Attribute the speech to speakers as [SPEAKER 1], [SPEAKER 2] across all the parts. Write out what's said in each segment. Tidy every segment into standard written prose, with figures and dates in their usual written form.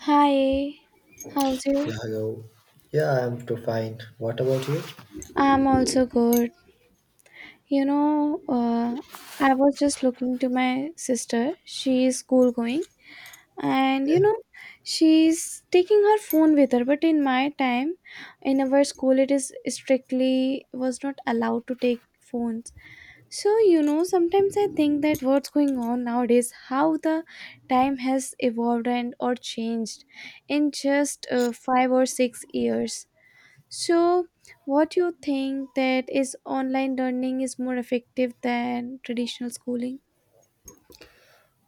[SPEAKER 1] Hi, how's you?
[SPEAKER 2] Yeah, hello. Yeah, I'm too fine. What about you?
[SPEAKER 1] I'm also good. You know, uh, I was just looking to my sister. She is school going, and
[SPEAKER 2] Yeah.
[SPEAKER 1] she's taking her phone with her. But in my time, in our school, it is strictly was not allowed to take phones. So sometimes I think that what's going on nowadays, how the time has evolved and or changed in just 5 or 6 years. So, what you think that is online learning is more effective than traditional schooling?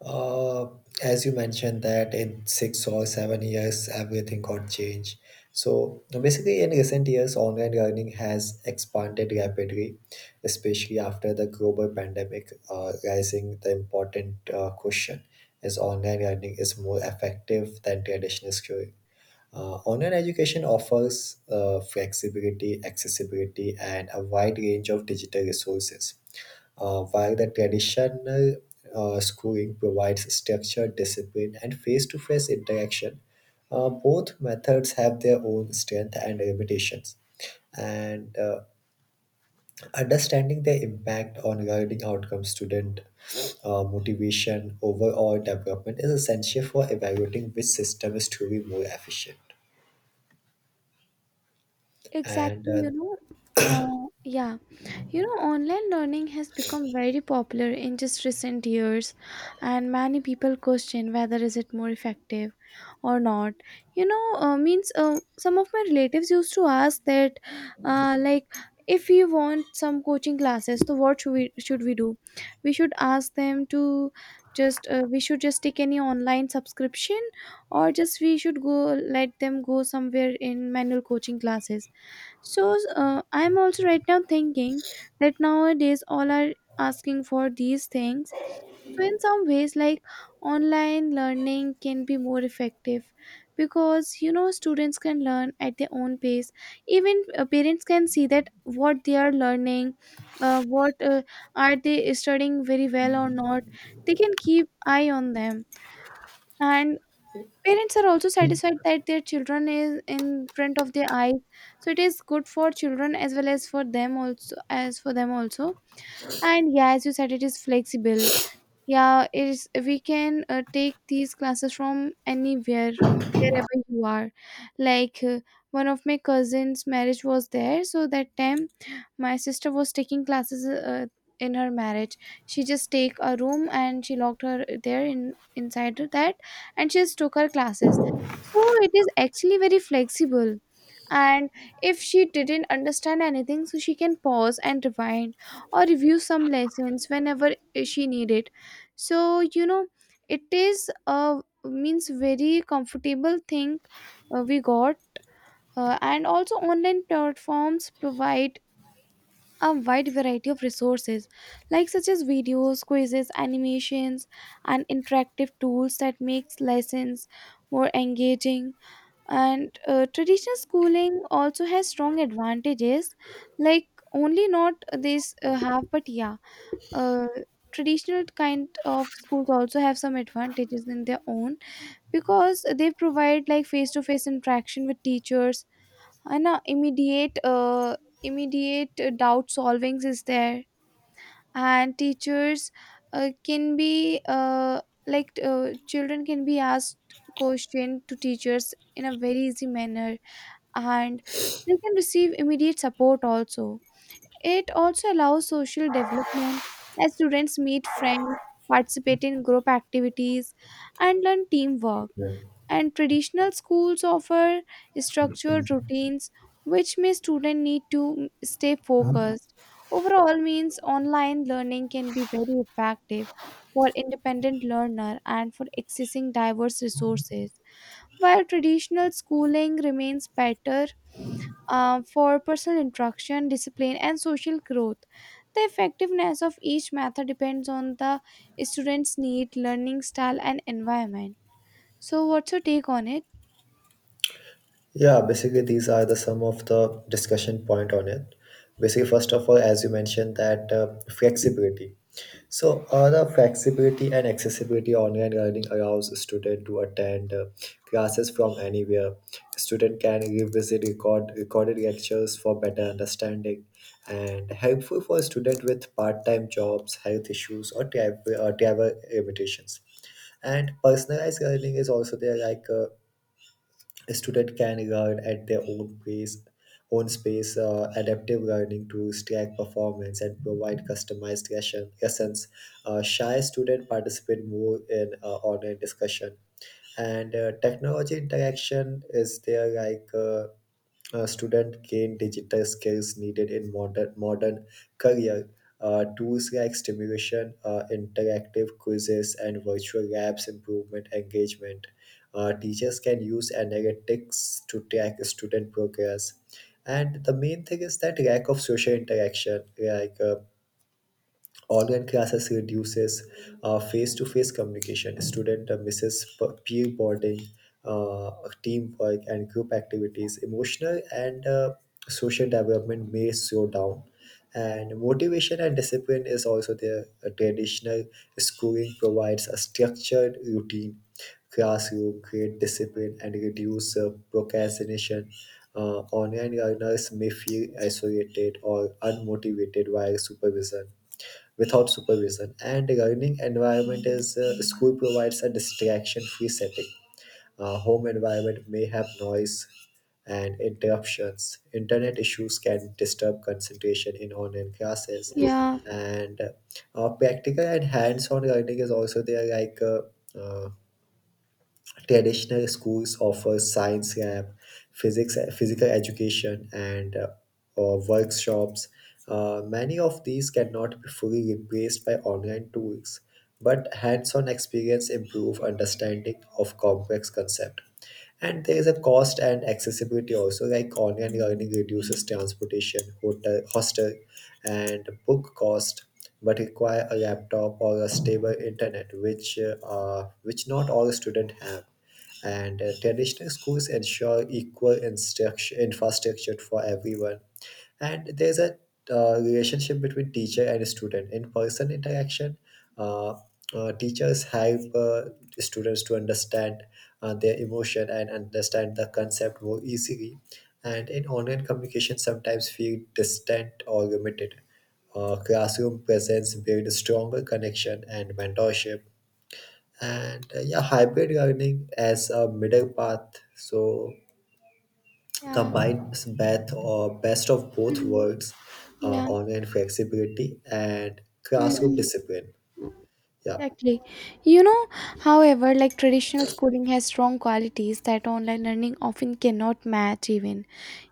[SPEAKER 2] Uh, as you mentioned that in 6 or 7 years, everything got changed. So basically, in recent years, online learning has expanded rapidly, especially after the global pandemic, raising the important question: Is online learning is more effective than traditional schooling? Online education offers flexibility, accessibility, and a wide range of digital resources. While the traditional schooling provides structure, discipline, and face to face interaction, both methods have their own strength and limitations. And Understanding their impact on learning outcomes, student motivation, overall development is essential for evaluating which system is truly more efficient. And
[SPEAKER 1] Exactly, you know. Yeah. Online learning has become very popular in just recent years, and many people question whether is it more effective or not. Means some of my relatives used to ask that, like, if we want some coaching classes, so what should we do? We should ask them to just we should just take any online subscription, or just we should go let them go somewhere in manual coaching classes, so I'm also right now thinking that nowadays all are asking for these things. So in some ways, like online learning can be more effective because students can learn at their own pace. Even parents can see that what they are learning, what are they studying very well or not. They can keep eye on them, and parents are also satisfied that their children is in front of their eyes, so it is good for children as well as for them also. And yeah, as you said, it is flexible. Yeah, it is we can take these classes from anywhere, wherever you are. Like one of my cousins' marriage was there, so that time my sister was taking classes in her marriage. She just take a room and she locked her there in inside of that, and she just took her classes. So it is actually very flexible, and if she didn't understand anything, so she can pause and rewind or review some lessons whenever she needed. So it is a means very comfortable thing we got. Uh, and also online platforms provide a wide variety of resources like such as videos, quizzes, animations, and interactive tools that makes lessons more engaging. And traditional schooling also has strong advantages, like only not this have but yeah, uh, traditional kind of schools also have some advantages in their own because they provide like face-to-face interaction with teachers. And immediate doubt solvings is there. And teachers can be, like, children can be asked question to teachers in a very easy manner, and they can receive immediate support also. It also allows social development as students meet friends, participate in group activities, and learn teamwork.
[SPEAKER 2] yeah.
[SPEAKER 1] And traditional schools offer structured routines which may student need to stay focused. Overall means online learning can be very effective for independent learner and for accessing diverse resources, while traditional schooling remains better for personal interaction, discipline, and social growth. The effectiveness of each method depends on the student's need, learning style, and environment. So, what's your take on it?
[SPEAKER 2] Yeah, basically these are the some of the discussion point on it. Basically, first of all, as you mentioned that flexibility. So the flexibility and accessibility online learning allows a student to attend classes from anywhere. Student can revisit recorded lectures for better understanding, and helpful for student with part-time jobs, health issues, or travel limitations. And personalized learning is also there, like. Students can guard at their own pace, own space. Adaptive learning tools track performance and provide lessons. Shy students participate more in online discussion. And technology interaction is there like student gain digital skills needed in modern career. Tools like stimulation, interactive quizzes, and virtual labs improvement engagement. Teachers can use analytics to track student progress. And the main thing is that lack of social interaction, online classes reduces face-to-face communication. Student misses peer bonding, uh, teamwork, and group activities. Emotional and social development may slow down. And motivation and discipline is also there. A traditional schooling provides a structured routine, classroom, create discipline, and reduce procrastination. Online learners may feel isolated or unmotivated while supervision without supervision. And a learning environment is school provides a distraction-free setting. Home environment may have noise and interruptions. Internet issues can disturb concentration in online classes.
[SPEAKER 1] Yeah.
[SPEAKER 2] And practical and hands-on learning is also there, traditional schools offer science lab, physical education, and workshops. Many of these cannot be fully replaced by online tools, but hands-on experience improve understanding of complex concepts. And there is a cost and accessibility also, like online learning reduces transportation, hotel, hostel, and book cost, but require a laptop or a stable internet, which which not all students have. And traditional schools ensure equal instruction infrastructure for everyone. And there's a relationship between teacher and student. In person interaction, uh, teachers help students to understand their emotion and understand the concept more easily. And in online communication, sometimes feel distant or limited. Classroom presence build stronger connection and mentorship. Hybrid learning as a middle path. So
[SPEAKER 1] Yeah.
[SPEAKER 2] combines best of both
[SPEAKER 1] Mhm.
[SPEAKER 2] worlds,
[SPEAKER 1] Yeah.
[SPEAKER 2] online flexibility and classroom
[SPEAKER 1] Mhm.
[SPEAKER 2] discipline. Yeah.
[SPEAKER 1] Exactly. You know, however, like traditional schooling has strong qualities that online learning often cannot match even.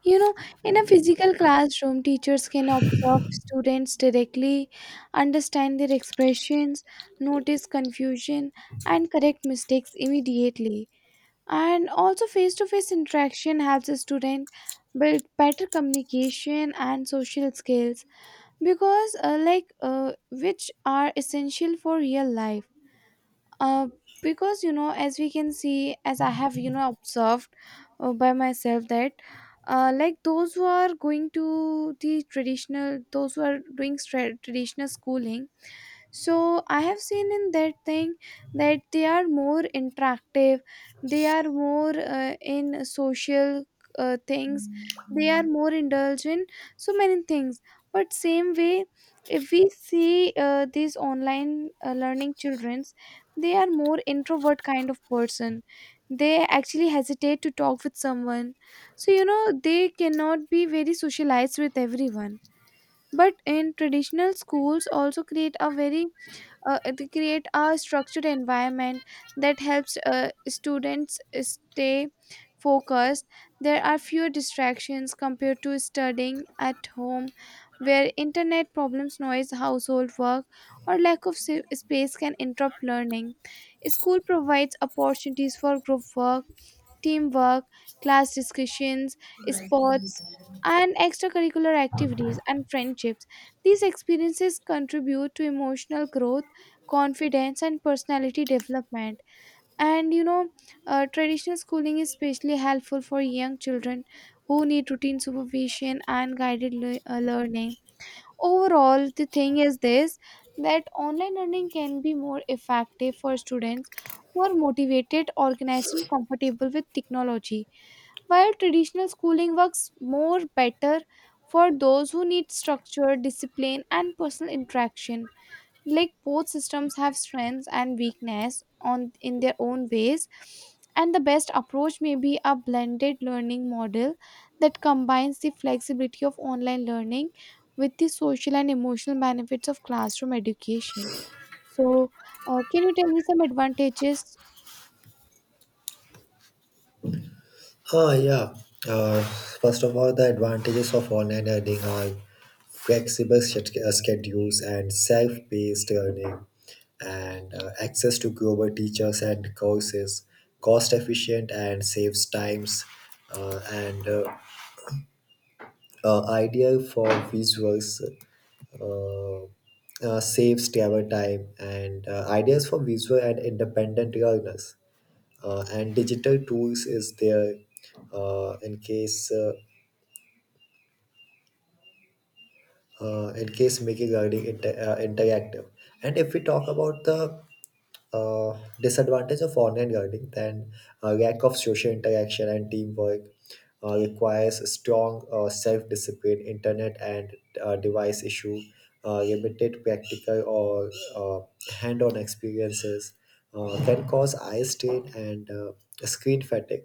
[SPEAKER 1] You know, in a physical classroom, teachers can observe students directly, understand their expressions, notice confusion, and correct mistakes immediately. And also, face to face interaction helps a student build better communication and social skills, because, like, which are essential for real life, uh, because as we can see, as I have observed by myself, that like, those who are doing traditional schooling, so I have seen in that thing that they are more interactive, they are more in social things, they are more indulged in so many things. But same way, if we see these online learning children, they are more introvert kind of person, they actually hesitate to talk with someone, so they cannot be very socialized with everyone. But in traditional schools also create a very they create a structured environment that helps students stay focused. There are fewer distractions compared to studying at home, where internet problems, noise, household work, or lack of space can interrupt learning. School provides opportunities for group work, teamwork, class discussions, sports, and extracurricular activities and friendships. These experiences contribute to emotional growth, confidence, and personality development. And traditional schooling is especially helpful for young children who need routine supervision and guided learning. Overall, the thing is this, that online learning can be more effective for students who are motivated, organized, and comfortable with technology, while traditional schooling works more better for those who need structure, discipline, and personal interaction. Like, both systems have strengths and weakness on in their own ways, and the best approach may be a blended learning model that combines the flexibility of online learning with the social and emotional benefits of classroom education. So can you tell me some advantages?
[SPEAKER 2] Ah, yeah. Uh, First of all, the advantages of online earning are flexible schedules and self-paced earning, and access to global teachers and courses, cost efficient and saves times, and ideal for visuals. Uh, Saves travel time and ideas for visual and independent learners. And digital tools is there uh, in case uh, in case making regarding interactive. And if we talk about the disadvantage of online learning, then lack of social interaction and teamwork requires strong self discipline, internet and device issue, limited practical or hand on experiences can cause eye strain and screen fatigue.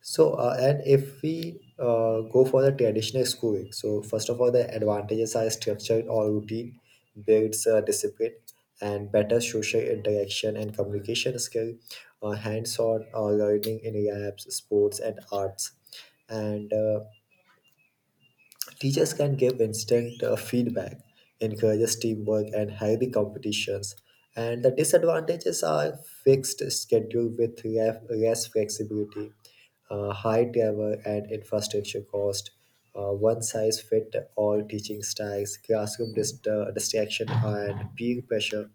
[SPEAKER 2] So, and if we go for the traditional schooling, so first of all, the advantages are structure or routine, builds discipline, and better social interaction and communication skill, hands-on learning in labs, sports, and arts. And teachers can give instant feedback, encourages teamwork, and healthy competitions. And the disadvantages are fixed schedule with less flexibility, high travel and infrastructure cost, one size fit all teaching styles, classroom distraction, and peer pressure.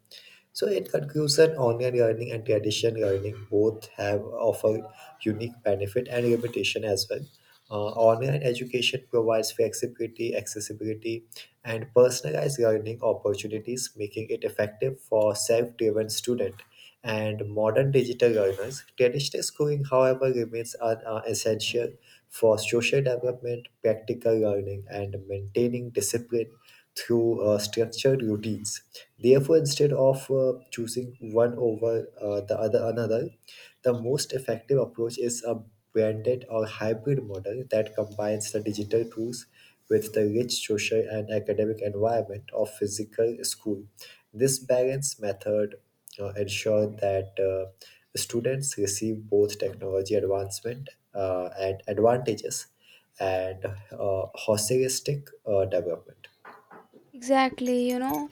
[SPEAKER 2] So, in conclusion, online learning and traditional learning both have offer unique benefit and limitation as well. Online education provides flexibility, accessibility, and personalized learning opportunities, making it effective for self-driven student and modern digital learners. Traditional schooling, however, remains essential for social development, practical learning, and maintaining discipline through structured routines. Therefore, instead of choosing one over the other another, the most effective approach is a branded or hybrid model that combines the digital tools with the rich social and academic environment of physical school. This balanced method ensures that students receive both technology advancement and advantages and holistic development.
[SPEAKER 1] Exactly,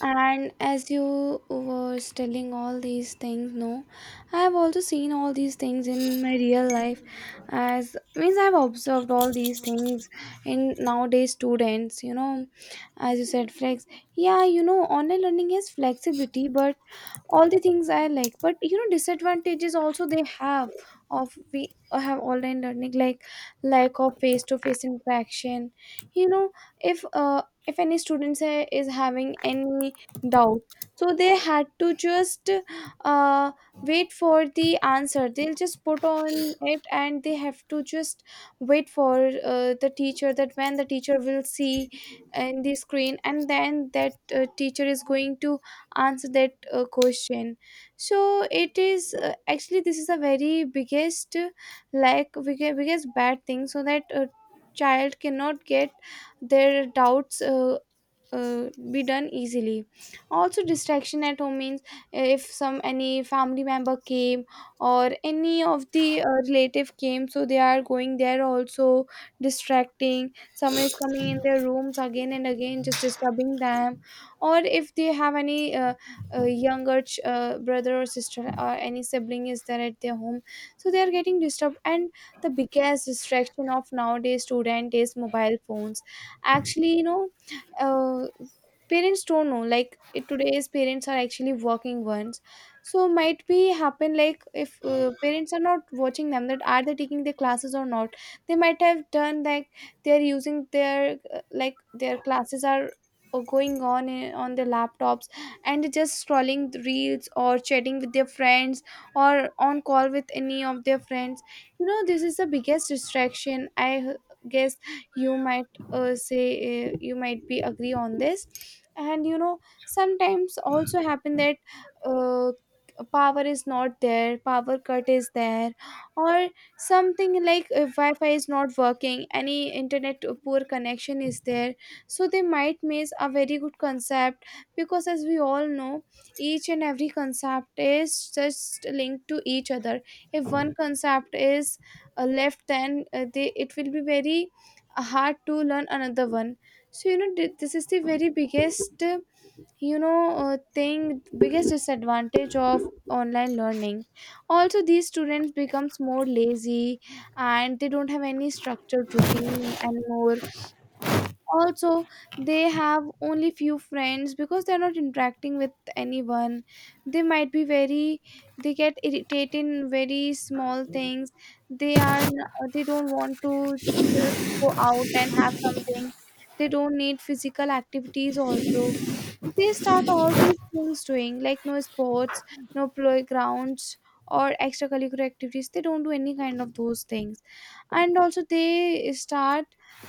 [SPEAKER 1] and as you was telling all these things, no, I have also seen all these things in my real life. As means, I've observed all these things in nowadays students. As you said, flex. Yeah, online learning has flexibility, but all the things I like. But disadvantages also they have of we have online learning, like lack of face to face interaction. You know, if uh, if any students is having any doubt, so they had to just uh, wait for the answer, they'll just put on it, and they have to just wait for the teacher, that when the teacher will see in the screen, and then that teacher is going to answer that question. So it is actually, this is a very biggest like, biggest bad thing, so that a child cannot get their doubts be done easily. Also distraction at home means if some any family member came or any of the relative came, so they are going there also distracting, someone is coming in their rooms again and again just disturbing them, or if they have any younger brother or sister or any sibling is there at their home, so they are getting disturbed. And the biggest distraction of nowadays student is mobile phones, actually. Uh, parents don't know like it, today's parents are actually working ones, so might be happen like if parents are not watching them that are they taking their classes or not, they might have done like they're using their like their classes are going on in, on their laptops, and they're just scrolling the reels or chatting with their friends or on call with any of their friends. This is the biggest distraction I guess. You might say, you might be agree on this. And sometimes also happen that uh, power is not there, power cut is there, or something like wi-fi is not working, any internet poor connection is there, so they might miss a very good concept. Because as we all know, each and every concept is just linked to each other. If one concept is left, then they it will be very hard to learn another one. So this is the very biggest thing, biggest disadvantage of online learning. Also these students becomes more lazy, and they don't have any structured routine anymore. Also they have only few friends because they're not interacting with anyone. They might be very, they get irritated in very small things. They are they don't want to just go out and have something. They don't need physical activities also. They start all these things doing like no sports, no playgrounds, or extracurricular activities, they don't do any kind of those things. And also they start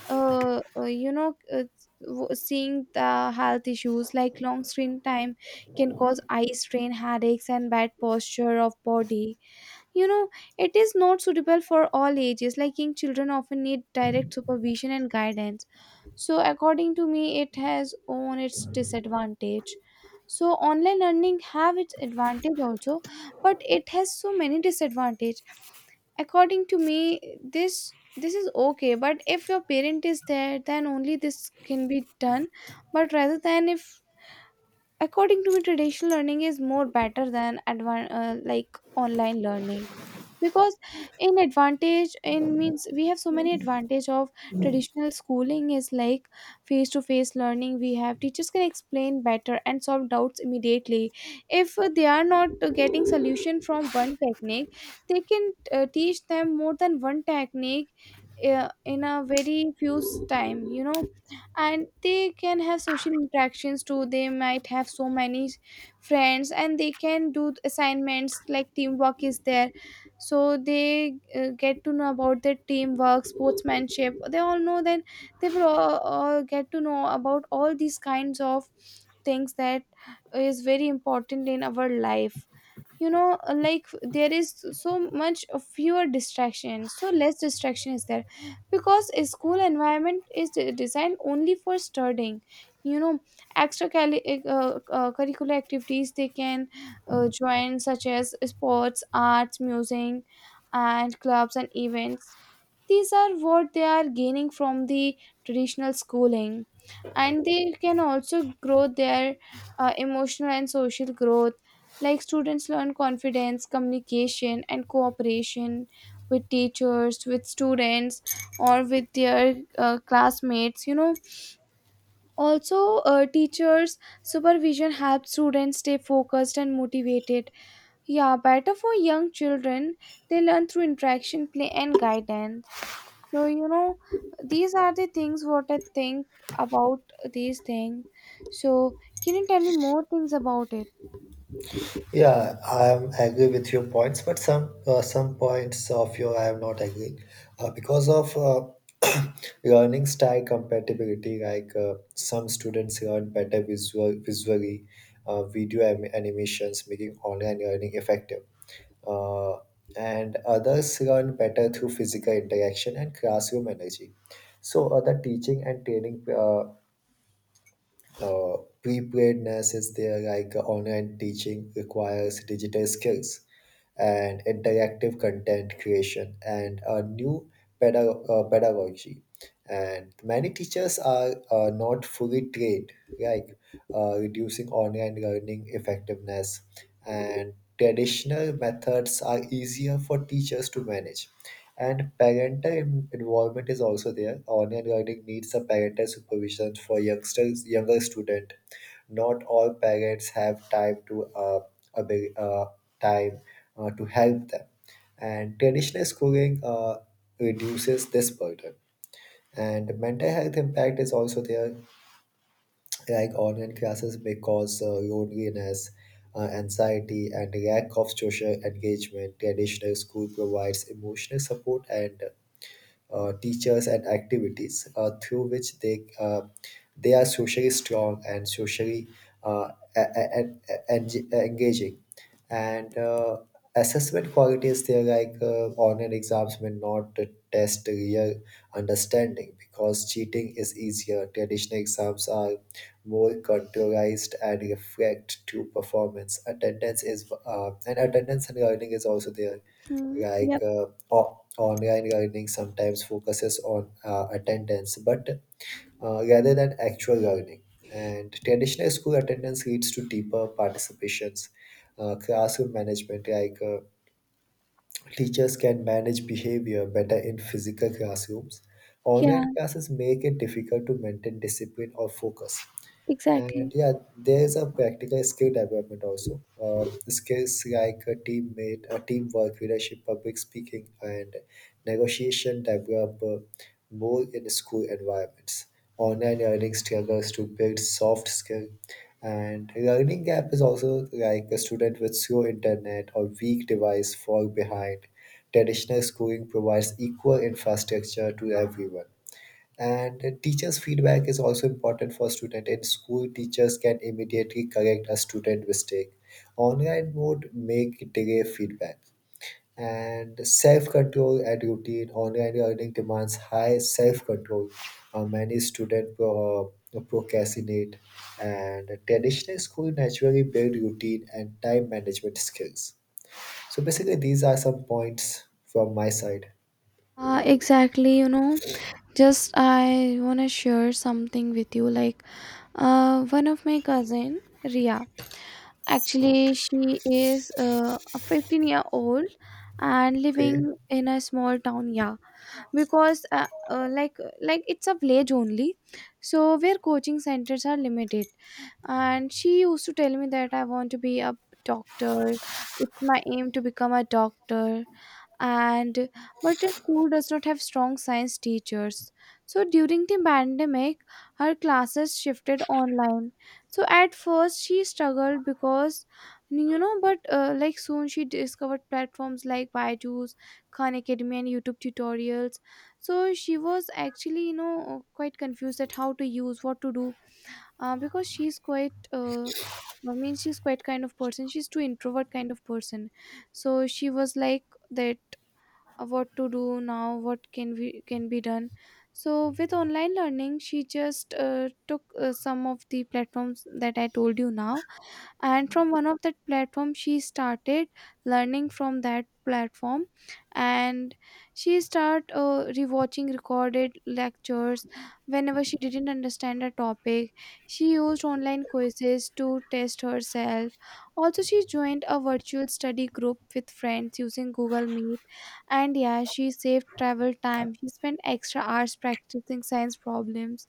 [SPEAKER 1] uh, uh, you know uh, seeing the health issues, like long screen time can cause eye strain, headaches, and bad posture of body. you know it is not suitable for all ages, like young children often need direct supervision and guidance. So according to me, it has own its disadvantage. So online learning have its advantage also, but it has so many disadvantage. According to me, this this is okay, but if your parent is there, then only this can be done. But rather than, if According to me, traditional learning is more better than like online learning, because in advantage in means we have so many advantage of traditional schooling is like face to face learning, we have teachers can explain better and solve doubts immediately. If they are not getting solution from one technique, they can teach them more than one technique in a very time. And they can have social interactions too. They might have so many friends, and they can do assignments like teamwork is there. So they get to know about their teamwork, sportsmanship, they all know then. They will all get to know about all these kinds of things that is very important in our life, you know. Like, there is so much fewer distractions, so less distraction is there, because a school environment is designed only for studying, you know. Extra curricular activities they can join, such as sports, arts, music, and clubs and events. These are what they are gaining from the traditional schooling. And they can also grow their emotional and social growth. Like, students learn confidence, communication, and cooperation with teachers, with students, or with their classmates, you know. Also, teachers supervision helps students stay focused and motivated. Yeah, better for young children. They learn through interaction, play, and guidance. So, you know, these are the things what I think about these things. So can you tell me more things about it?
[SPEAKER 2] Yeah, I am agree with your points, but some points of your I am not agreeing because of learning style compatibility. Like some students learn better visually, video animations, making online learning effective, uh, and others learn better through physical interaction and classroom energy. So the teaching and training uh, preparedness is there like online teaching requires digital skills and interactive content creation and a new pedagogy and many teachers are not fully trained like reducing online learning effectiveness and traditional methods are easier for teachers to manage and parental involvement is also there. Online learning needs a parental supervision for younger student. Not all parents have time to abi- time to help them, and traditional schooling reduces this burden. And mental health impact is also there, like online classes may cause loneliness, anxiety, and lack of social engagement. Traditional school provides emotional support and teachers, and activities through which they are socially strong and socially uh, engaging. And assessment qualities they're like online exams may not test real understanding because cheating is easier. Traditional exams are more contouralized and reflect true performance. Attendance and learning is also there
[SPEAKER 1] Hmm.
[SPEAKER 2] like
[SPEAKER 1] Yep.
[SPEAKER 2] online learning sometimes focuses on attendance but rather than actual learning and traditional school attendance leads to deeper participations classroom management like teachers can manage behavior better in physical classrooms online
[SPEAKER 1] Yeah,
[SPEAKER 2] classes make it difficult to maintain discipline or focus
[SPEAKER 1] exactly.
[SPEAKER 2] and yeah, there's a practical skill development also. Skills like a teamwork, leadership, public speaking, and negotiation develop more in school environments. Online learning struggles to build soft skill, and learning gap is also like a student with slow internet or weak device fall behind. Traditional schooling provides equal infrastructure to everyone and the teachers feedback is also important for student in school teachers can immediately correct a student mistake online mode make delay feedback and self-control and routine online learning demands high self-control. Many students procrastinate and traditional school naturally build routine and time management skills so basically these are some points from my side.
[SPEAKER 1] Exactly, you know. Just I want to share something with you. Like, one of my cousin, Ria. Actually, she is a 15-year-old and living
[SPEAKER 2] Okay.
[SPEAKER 1] in a small town. Yeah, because like it's a village only, so where coaching centers are limited. And she used to tell me that I want to be a doctor. It's my aim to become a doctor. And but the school does not have strong science teachers. So during the pandemic, her classes shifted online. So at first she struggled because, you know. But like, soon she discovered platforms like Byju's, Khan Academy, and YouTube tutorials. So she was actually, you know, quite confused at how to use, what to do, because she's quite I mean, she's quite kind of person, she's too introvert kind of person. So she was like, that, what to do now, what can we can be done. So with online learning she just took some of the platforms that I told you now, and from one of that platform she started learning from that platform. And she start rewatching recorded lectures whenever she didn't understand a topic. She used online quizzes to test herself. Also, she joined a virtual study group with friends using Google Meet. And yeah, she saved travel time, she spent extra hours practicing science problems.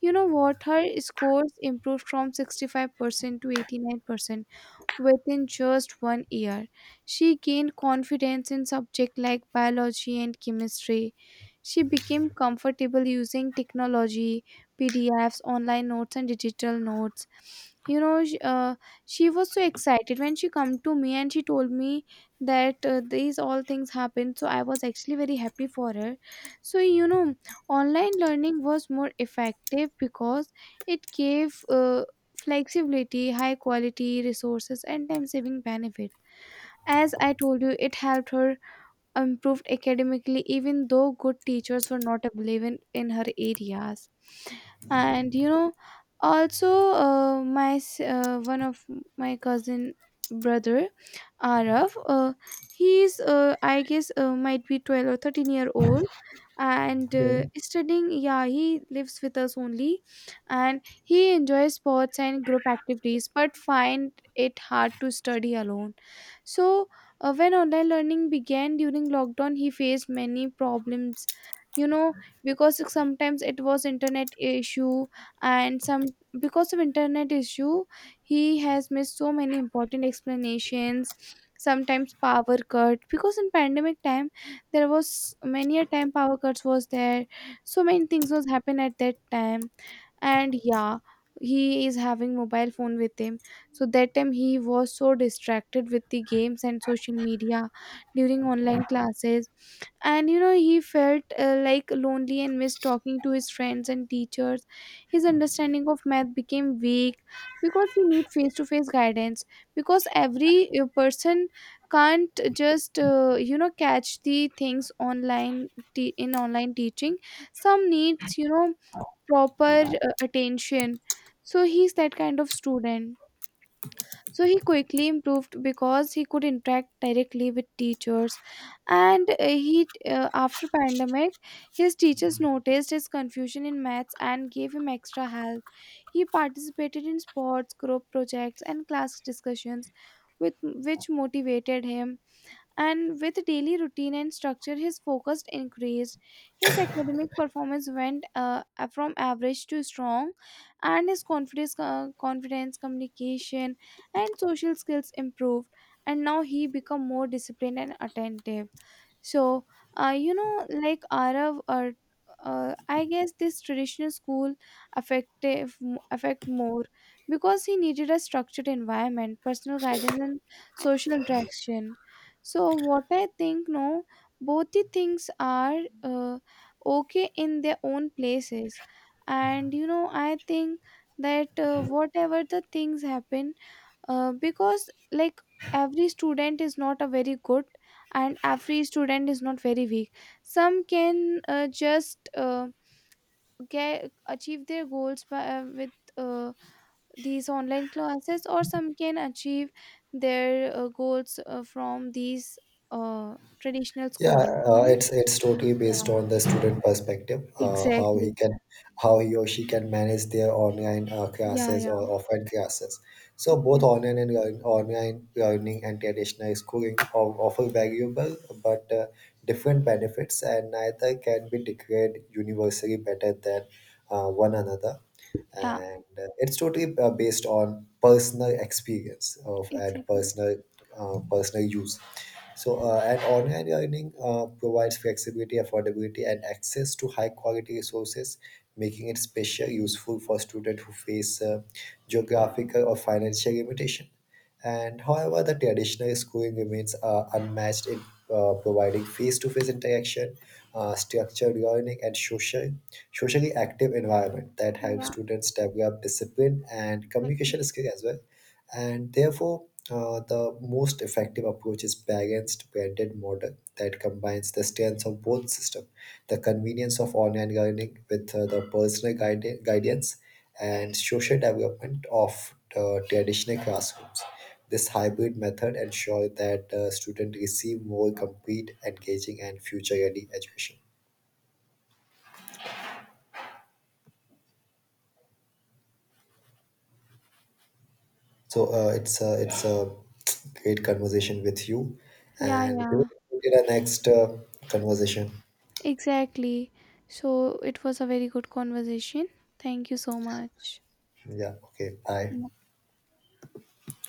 [SPEAKER 1] You know what? Her scores improved from 65% to 89%. Within just 1 year, she gained confidence in subjects like biology and chemistry. She became comfortable using technology, PDFs, online notes, and digital notes. You know, she was so excited when she come to me and she told me that, these all things happened. So I was actually very happy for her. So, you know, online learning was more effective because it gave flexibility, high quality resources, and time saving benefit. As I told you, it helped her improved academically even though good teachers were not available in her areas. And, you know, also, one of my cousin brother Arav, he's I guess, might be 12 or 13-year old, and
[SPEAKER 2] Okay.
[SPEAKER 1] studying. Yeah, he lives with us only. And he enjoys sports and group activities, but find it hard to study alone. So, when online learning began during lockdown, he faced many problems. You know, because sometimes it was internet issue, and some, because of internet issue, he has missed so many important explanations. Sometimes power cut, because in pandemic time there was many a time power cuts was there, so many things was happen at that time. And yeah, he is having mobile phone with him, so that time he was so distracted with the games and social media during online classes. And, you know, he felt like lonely and missed talking to his friends and teachers. His understanding of math became weak because he need face to face guidance, because every person can't just you know, catch the things in online teaching. Some needs, you know, proper attention. So he's that kind of student. So he quickly improved because he could interact directly with teachers. And he after pandemic, his teachers noticed his confusion in maths and gave him extra help. He participated in sports, group projects, and class discussions, with which motivated him. And with daily routine and structure, his focus increased, his academic performance went from average to strong, and his confidence, communication, and social skills improved. And now he become more disciplined and attentive. So, you know, like, arav I guess this traditional school affective affect more because he needed a structured environment, personal guidance, and social interaction. So what I think, no, both the things are okay in their own places. And, you know, I think that, whatever the things happen, because like every student is not a very good, and every student is not very weak. Some can just get achieve their goals by with. Uh, these online classes, or some can achieve their goals from these traditional
[SPEAKER 2] Yeah,
[SPEAKER 1] schooling, you
[SPEAKER 2] uh,
[SPEAKER 1] know.
[SPEAKER 2] it's it's totally based
[SPEAKER 1] Yeah,
[SPEAKER 2] on the student perspective, how he
[SPEAKER 1] exactly.
[SPEAKER 2] can, how he or she can manage their online
[SPEAKER 1] Yeah,
[SPEAKER 2] classes
[SPEAKER 1] yeah,
[SPEAKER 2] or offline classes. So both
[SPEAKER 1] exactly.
[SPEAKER 2] online learning and traditional schooling offer valuable but different benefits, and neither can be declared universally better than one another.
[SPEAKER 1] Yeah,
[SPEAKER 2] And it's totally based on personal experience of and
[SPEAKER 1] exactly.
[SPEAKER 2] personal use. So, and online learning provides flexibility, affordability, and access to high quality resources, making it special useful for students who face geographical or financial limitation. And however, the traditional schooling remains unmatched in providing face-to-face interaction, structured learning, and socially active environment that helps
[SPEAKER 1] Yeah,
[SPEAKER 2] students develop discipline and
[SPEAKER 1] exactly.
[SPEAKER 2] communication skill as well. And therefore, the most effective approach is balanced branded model that combines the strengths of both system, the convenience of online learning with the personal guidance and social development of the traditional classrooms. This hybrid method ensures that students receive more complete, engaging, and future-ready education. It's a great conversation with you,
[SPEAKER 1] Yeah,
[SPEAKER 2] and we
[SPEAKER 1] yeah,
[SPEAKER 2] will get our next conversation.
[SPEAKER 1] exactly. So it was a very good conversation. Thank you so much.
[SPEAKER 2] Yeah. Okay. Bye.
[SPEAKER 1] Yeah.